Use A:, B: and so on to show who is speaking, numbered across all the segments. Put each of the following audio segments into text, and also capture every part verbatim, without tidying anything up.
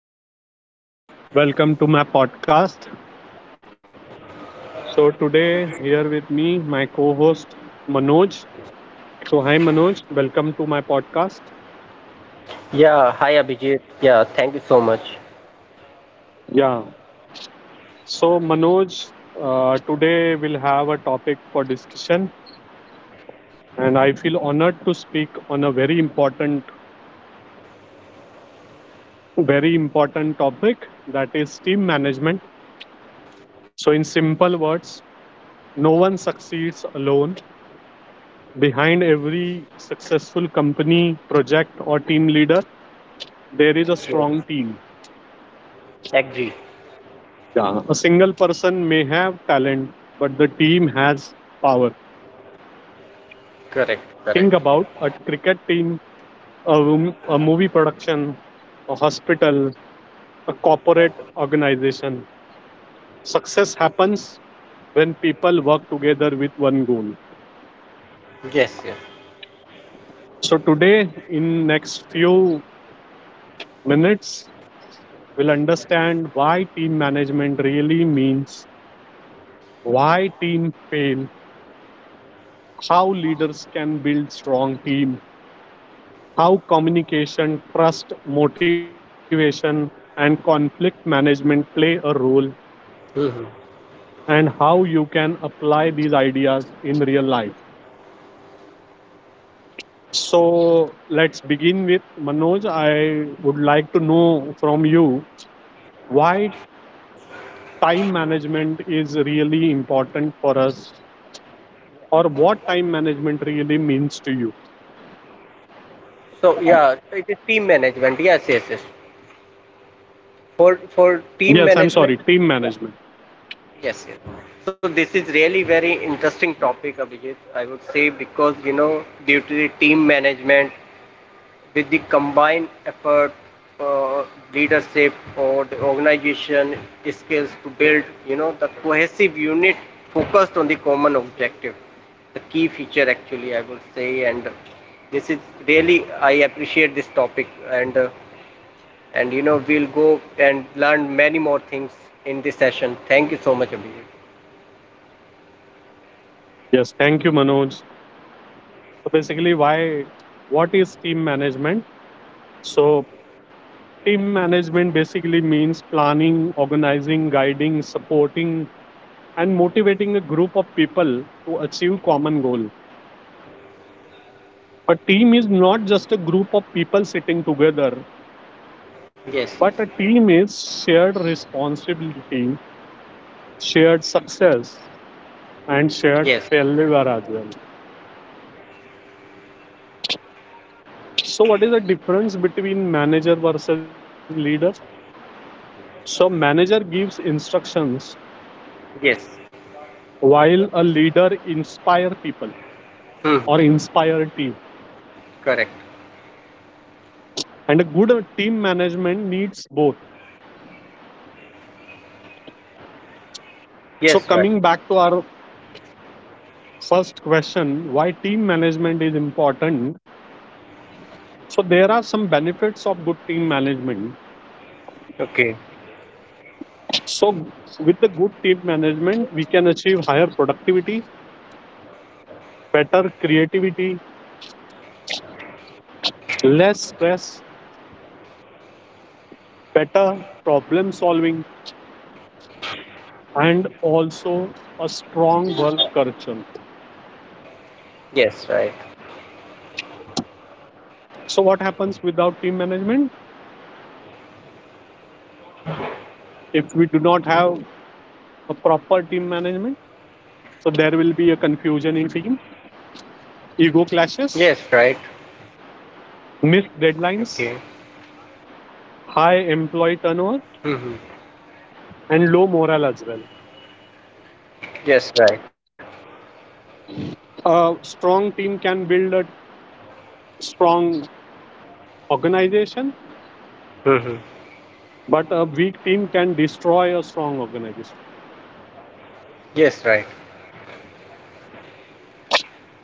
A: everyone. Welcome to my podcast. So, today, here with me, my co host Manoj. So, hi, Manoj. Welcome to my podcast.
B: Yeah, hi Abhijit. Yeah, thank you so much.
A: Yeah. So, Manoj, uh, today we'll have a topic for discussion, and I feel honored to speak on a very important, very important topic that is team management. So, in simple words, no one succeeds alone. Behind every successful company, project, or team leader, there is a
B: Yes,
A: strong team.
B: agree.
A: Yeah. A single person may have talent, but the team has power.
B: Correct, correct.
A: Think about a cricket team, a, room, a movie production, a hospital, a corporate organization. Success happens when people work together with one goal.
B: Yes, yes.
A: So today, in next few minutes, we'll understand why team management really means, why team fail, how leaders can build strong team, how communication, trust, motivation, and conflict management play a role,
B: Hmm.
A: and how you can apply these ideas in real life. So, let's begin with Manoj. I would like to know from you why time management is really important for us, or what time management really means to you.
B: So yeah, it is team management. Yeah, yes, yes, yes. For for team
A: Yes, I'm
B: management.
A: sorry, team
B: Yeah.
A: management.
B: Yes, yes. So this is really very interesting topic, Abhijit. I would say, because you know due to the team management, with the combined effort, uh, leadership or the organization skills to build, you know, the cohesive unit focused on the common objective. The key feature, actually, I would say, and this is really I appreciate this topic, and uh, and you know we'll go and learn many more things in this session. Thank you so much, Abhijit.
A: Yes, thank you, Manoj. So, basically, why what is team management? So, team management basically means planning, organizing, guiding, supporting, and motivating a group of people to achieve common goal. A team is not just a group of people sitting together,
B: Yes,
A: but a team is shared responsibility, shared success, and shared
B: yes,
A: failure as well. So, what is the difference between manager versus leader? So, manager gives instructions
B: yes.
A: while a leader inspire people
B: Hmm.
A: or inspire team,
B: Correct.
A: and a good uh, team management needs both. So
B: Yes, right.
A: coming back to our first question, why team management is important? So there are some benefits of good team management.
B: Okay.
A: So with the good team management, we can achieve higher productivity, better creativity, less stress, better problem solving, and also a strong work culture.
B: Yes, right.
A: So what happens without team management? If we do not have a proper team management, so there will be a confusion in team, ego clashes,
B: Yes, right.
A: missed deadlines,
B: Okay.
A: high employee turnover,
B: Mm-hmm.
A: and low morale as well.
B: Yes, right.
A: A strong team can build a strong organization,
B: Mm-hmm.
A: but a weak team can destroy a strong organization.
B: Yes, right.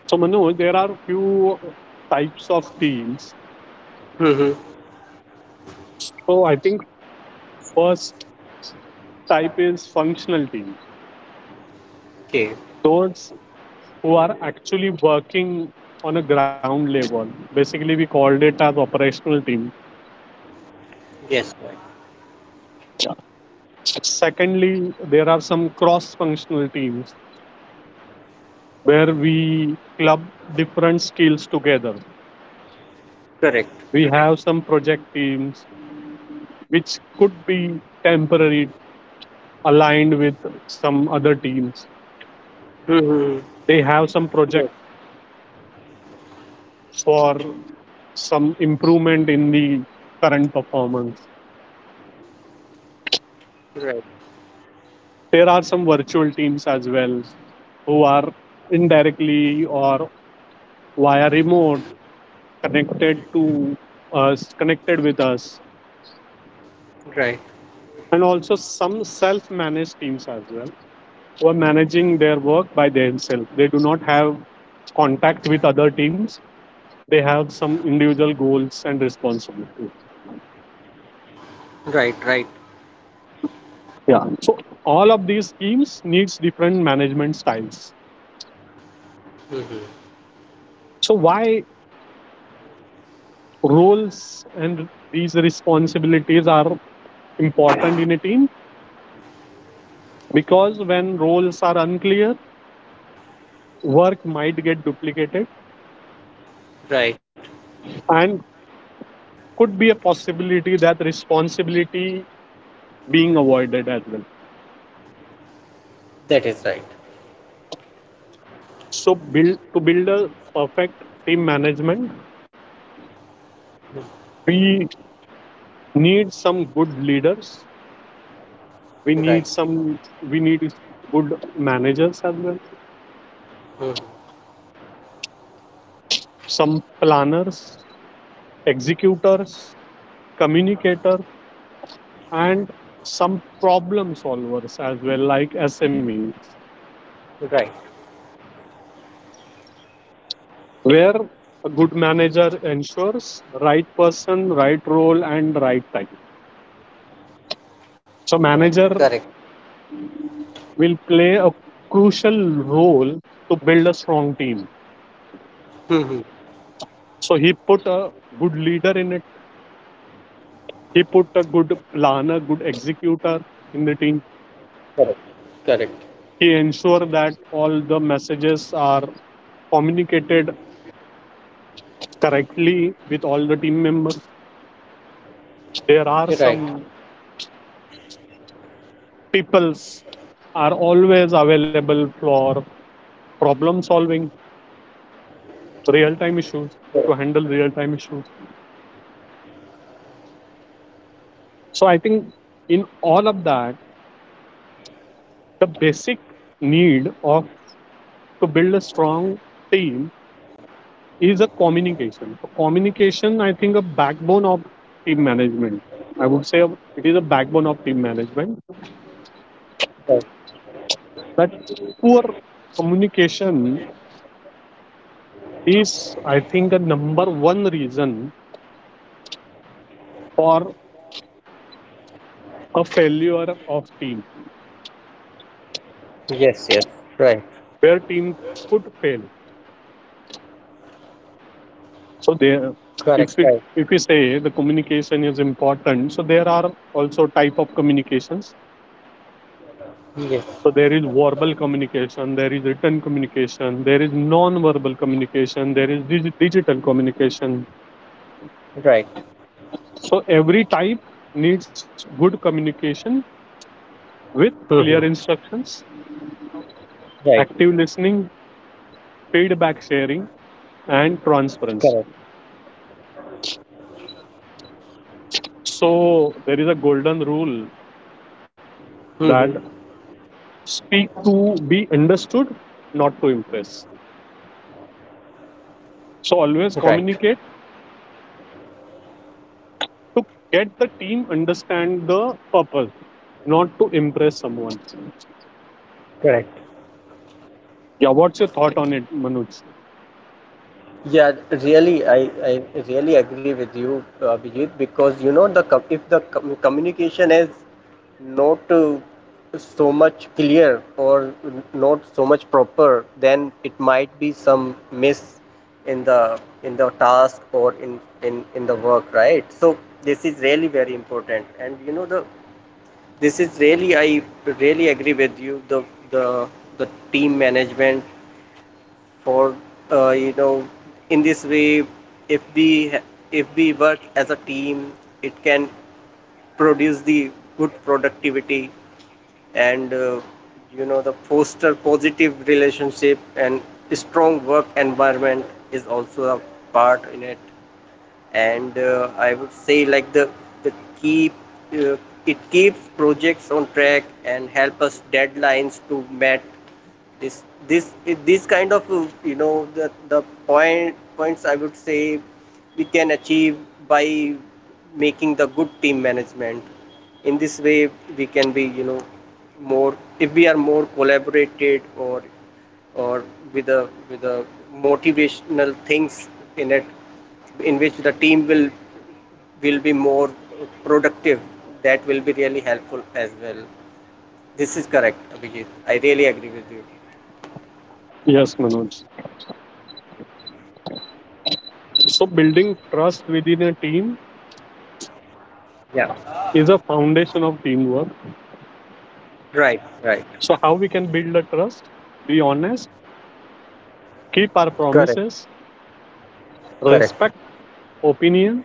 A: So Manoj, there are few types of teams.
B: Mm-hmm.
A: So I think first type is functional teams.
B: Okay.
A: Those who are actually working on a ground level. Basically, we called it as operational team.
B: Yes, right.
A: Secondly, there are some cross functional teams where we club different skills together.
B: Correct.
A: We have some project teams which could be temporary, aligned with some other teams.
B: Mm-hmm.
A: They have some project
B: Yes,
A: for some improvement in the current performance.
B: right.
A: There are some virtual teams as well, who are indirectly or via remote connected to us, connected with us,
B: Right.
A: and also some self-managed teams as well, who are managing their work by themselves. They do not have contact with other teams. They have some individual goals and responsibilities.
B: Right. Right.
A: Yeah, so all of these teams needs different management styles.
B: Mm-hmm.
A: So why roles and these responsibilities are important in a team? Because when roles are unclear, work might get duplicated,
B: Right.
A: and could be a possibility that responsibility being avoided as well.
B: That is right.
A: So build to build a perfect team management,
B: Mhm.
A: we need some good leaders. We need
B: Right.
A: some we need good managers as well,
B: Mm-hmm.
A: some planners, executors, communicators, and some problem solvers as well, like S M Es,
B: Right.
A: where a good manager ensures right person, right role, and right time. So
B: Correct.
A: manager
B: Correct.
A: will play a crucial role to build a strong team.
B: Mm-hmm.
A: So he put a good leader in it. He put a good planner, good executor in the team.
B: Correct. Correct.
A: He ensure that all the messages are communicated correctly with all the team members. There are
B: Right.
A: some peoples are always available for problem solving, real time issues, to
B: Correct.
A: handle real time issues. So I think in all of that, the basic need of to build a strong team is a communication. So communication, I think, a backbone of team management. I would say it is a backbone of team management.
B: Right.
A: But poor communication is, I think, the number one reason for a failure of team,
B: Yes. Yes. Right.
A: where team could fail. So there,
B: Correct.
A: if it
B: Right.
A: if we say the communication is important, so there are also type of communications.
B: Yes.
A: So there is verbal communication, there is written communication, there is non-verbal communication, there is dig- digital communication.
B: Right.
A: So every type needs good communication with clear
B: Mm-hmm.
A: instructions,
B: Right.
A: active listening, feedback sharing, and transparency.
B: Correct.
A: So there is a golden rule
B: Mm-hmm.
A: that speak to be understood, not to impress. So always
B: Right.
A: communicate to get the team understand the purpose, not to impress someone.
B: Correct.
A: Yeah, what's your thought on it, Manoj?
B: Yeah, really, I, I really agree with you, uh, Abhijit, because you know the com- if the com- communication is not uh, so much clear or not so much proper, then it might be some miss in the in the task or in in in the work, right? So this is really very important, and you know the this is really I really agree with you, the the the team management for uh, you know in this way, if we if we work as a team, it can produce the good productivity and uh, you know the foster positive relationship and strong work environment is also a part in it. And uh, I would say, like the the keep uh, it keeps projects on track and help us deadlines to met. This this this kind of uh, you know the the point points I would say we can achieve by making the good team management. In this way we can be you know more, if we are more collaborated or or with a with a motivational things in it, in which the team will will be more productive. That will be really helpful as well. This is correct, Abhijit. I really agree with you.
A: Yes, Manoj. So building trust within a team
B: Yeah,
A: is a foundation of teamwork.
B: right, right.
A: So how we can build a trust? Be honest, keep our
B: Correct.
A: promises,
B: Correct.
A: respect opinions,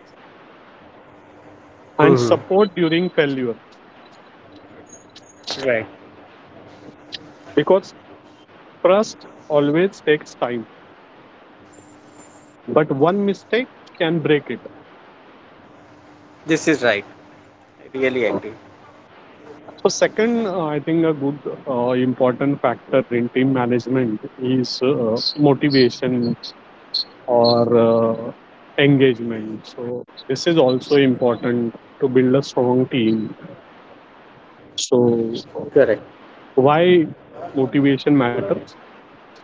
A: and
B: Hmm.
A: support during failure.
B: Right.
A: Because trust always takes time, but one mistake can break it.
B: This is right. I really
A: So
B: agree.
A: second, uh, I think a good uh, important factor in team management is uh, motivation or uh, engagement. So this is also important to build a strong team. So
B: Correct.
A: why motivation matters?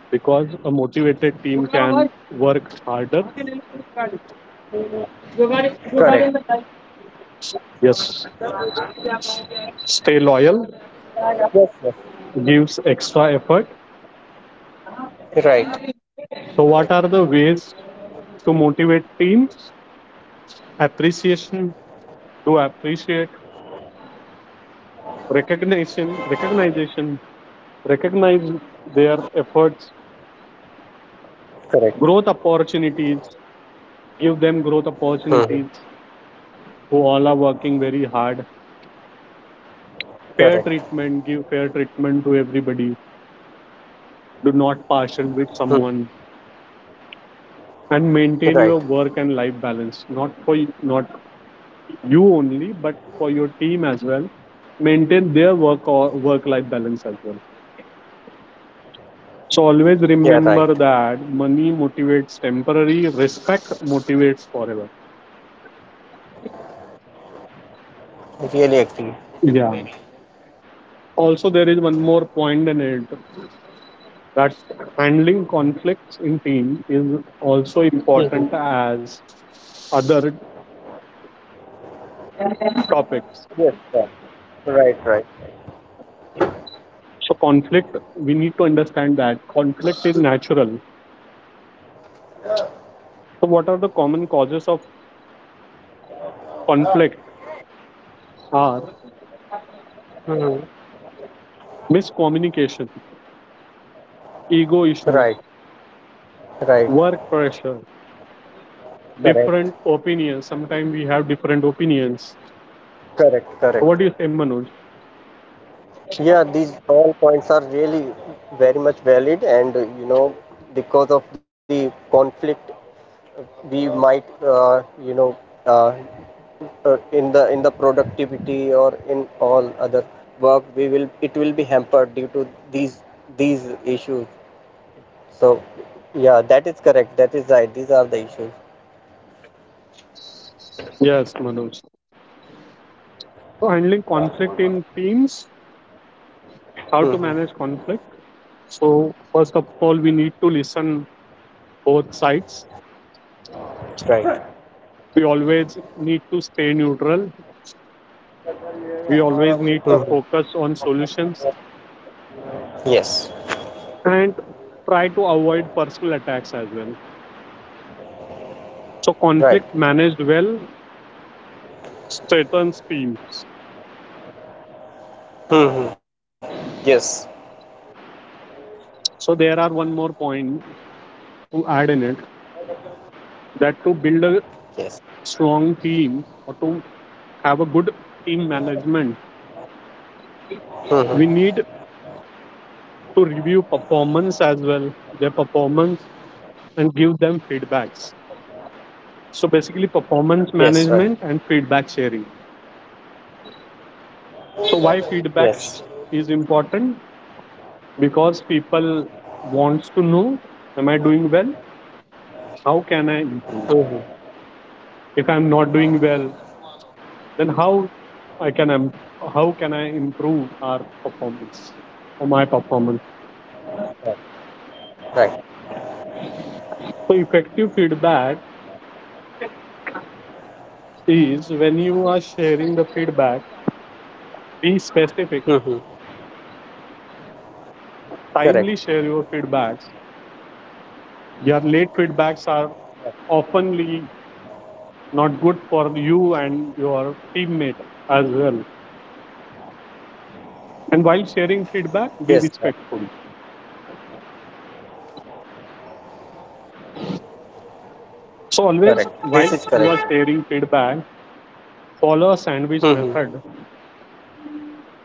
A: Because a motivated team can work harder.
B: Correct.
A: Yes. Stay loyal,
B: Yes. Yes.
A: gives extra effort.
B: Right.
A: So what are the ways to motivate teams? Appreciation, do appreciate, recognition, recognition, recognize their efforts,
B: Correct.
A: growth opportunities, give them growth
B: Hmm, hmm.
A: opportunities who all are working very hard. Fair
B: Correct.
A: treatment, give fair treatment to everybody, do not partial with
B: Hmm, hmm.
A: someone, and maintain
B: Right.
A: your work and life balance, not for y- not you only but for your team as well. Maintain their work or work life balance as well. So always
B: Yeah. Right.
A: remember that money motivates temporary, respect motivates forever.
B: I really agree.
A: Yeah, also there is one more point in it, that handling conflicts in team is also
B: Hmm, hmm.
A: important as other topics.
B: Yes. Yeah. Right. Right.
A: So conflict, we need to understand that conflict is natural. So what are the common causes of conflict are
B: Hmm, hmm.
A: miscommunication, ego issues,
B: Right. Right.
A: work pressure,
B: Correct.
A: different opinions. Sometimes we have different opinions.
B: Correct.
A: So what
B: Correct.
A: do you say, Manoj?
B: Yeah, these all points are really very much valid, and uh, you know, because of the conflict, we might, uh, you know, uh, uh, in the in the productivity or in all other work, we will it will be hampered due to these these issues. So, yeah, that is correct. That is right. These are the issues.
A: Yes, Manoj. So handling conflict in teams, how to
B: Hmm.
A: manage conflict? So first of all, we need to listen both sides.
B: Right. Right.
A: We always need to stay neutral. We always need to
B: Hmm.
A: focus on solutions
B: Yes.
A: and try to avoid personal attacks as well. So
B: Right.
A: conflict managed well strengthens teams.
B: Hmm. Yes.
A: So there are one more point to add in it, that to build a
B: Yes.
A: strong team or to have a good team management,
B: Hmm.
A: we need to review performance as well, their performance, and give them feedbacks. So basically,
B: Yes. Right.
A: performance management and feedback sharing. So why
B: Yes.
A: feedback is important? Because people wants to know, am I doing well? How can I
B: Hmm.
A: improve? If I'm not doing well, then how I can how can I improve our performance or my performance?
B: Right.
A: So effective feedback is when you are sharing the feedback, be specific,
B: Mm-hmm. Correct.
A: timely share your feedbacks. Your late feedbacks are oftenly not good for you and your teammate as well. And while sharing feedback, be
B: Yes, sir.
A: respectful. So always
B: Correct.
A: while
B: This is
A: you are
B: correct.
A: sharing feedback, follow a sandwich
B: Mm-hmm.
A: method,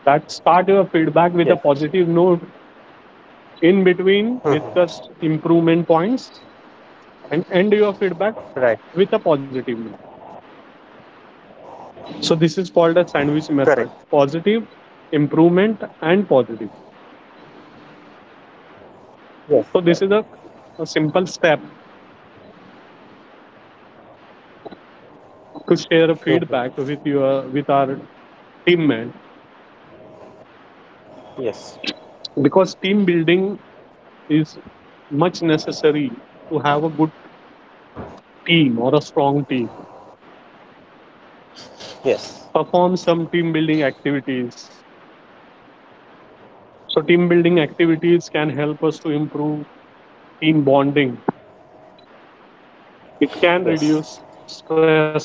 A: that start your feedback with a
B: Yes.
A: positive note, in between discuss
B: Mm-hmm.
A: improvement points, and end your feedback
B: Right.
A: with a positive note. So this is called a sandwich
B: Correct.
A: method. Positive, improvement and positive.
B: Yes.
A: So
B: Right.
A: this is a, a simple step to share feedback with
B: Mm-hmm.
A: your with our team, man,
B: Yes.
A: because team building is much necessary to have a good team or a strong team.
B: Yes.
A: Perform some team building activities. So team building activities can help us to improve team bonding, it can reduce
B: Yes.
A: stress.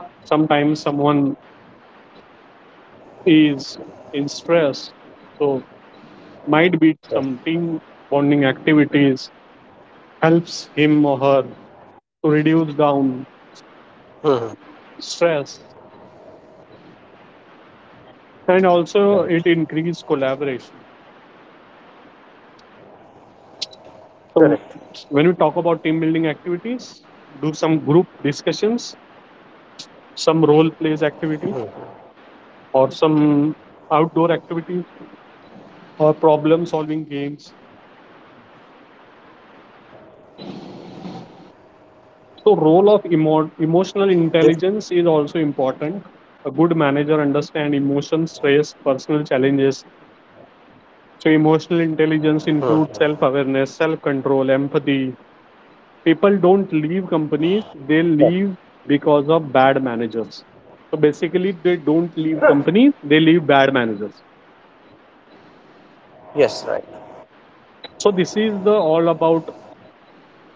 A: Sometimes someone is in stress, so might be some
B: Yes.
A: team bonding activities helps him or her to reduce down
B: Mm-hmm.
A: stress, and also it
B: Right.
A: increases collaboration. So
B: Correct.
A: when we talk about team building activities, do some group discussions, some role plays activities,
B: Hmm.
A: or some outdoor activities, or problem solving games. So role of emo- emotional
B: This.
A: intelligence is also important. A good manager understand emotions, stress, personal challenges. So emotional intelligence includes self
B: Mhm.
A: awareness, self control, empathy. People don't leave companies, they leave
B: Right.
A: because of bad managers. So basically they don't leave companies, they leave bad managers.
B: Yes. Right.
A: So this is the all about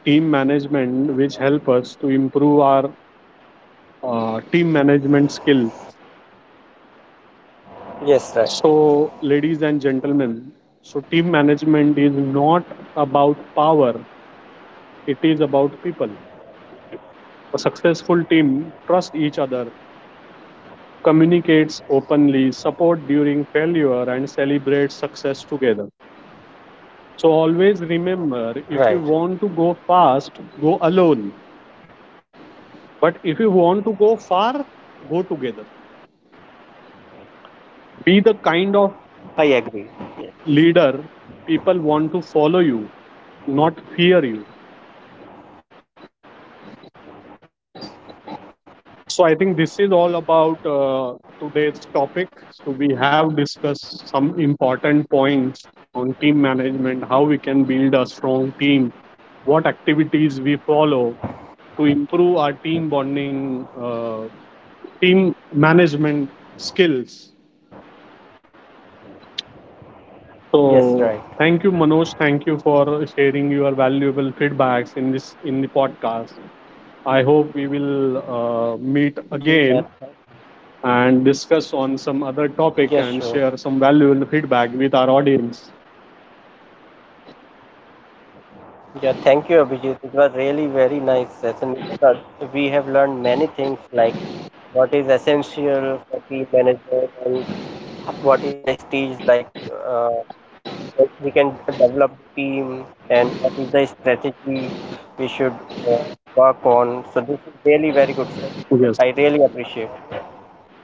A: team management, which help us to improve our uh, team management skill. So
B: Yes. Right.
A: ladies and gentlemen, so team management is not about power, it is about people. A successful team trusts each other, communicates openly, support during failure, and celebrates success together. So always remember, if you want
B: Right.
A: to go fast, go alone. But if you want to go far, go together. Be the kind of
B: I agree. Yes.
A: leader people want to follow you, not
B: Hmm.
A: fear you.
B: Yes.
A: So I think this is all about uh, today's topic. So we have discussed some important points on team management, how we can build a strong team, what activities we follow to improve our team bonding, uh, team management skills. So
B: Yes. Right.
A: thank you, Manoj. Thank you for sharing your valuable feedbacks in this in the podcast. I hope we will uh, meet
B: Yeah.
A: again
B: Yeah.
A: and discuss on some other topic
B: Yes.
A: and
B: Sure.
A: share some valuable feedback with our audience.
B: Yeah, thank you, Abhijit. It was really very nice session. We have learned many things, like what is essential for team management and what is the stage, like uh, where we can develop team and what is the strategy we should uh, work on. So this is really very good, sir.
A: Yes.
B: I really appreciate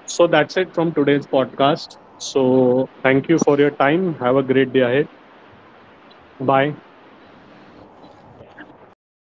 A: So that's it from today's podcast. So thank you for your time. Have a great day ahead. Bye.
B: it. Thank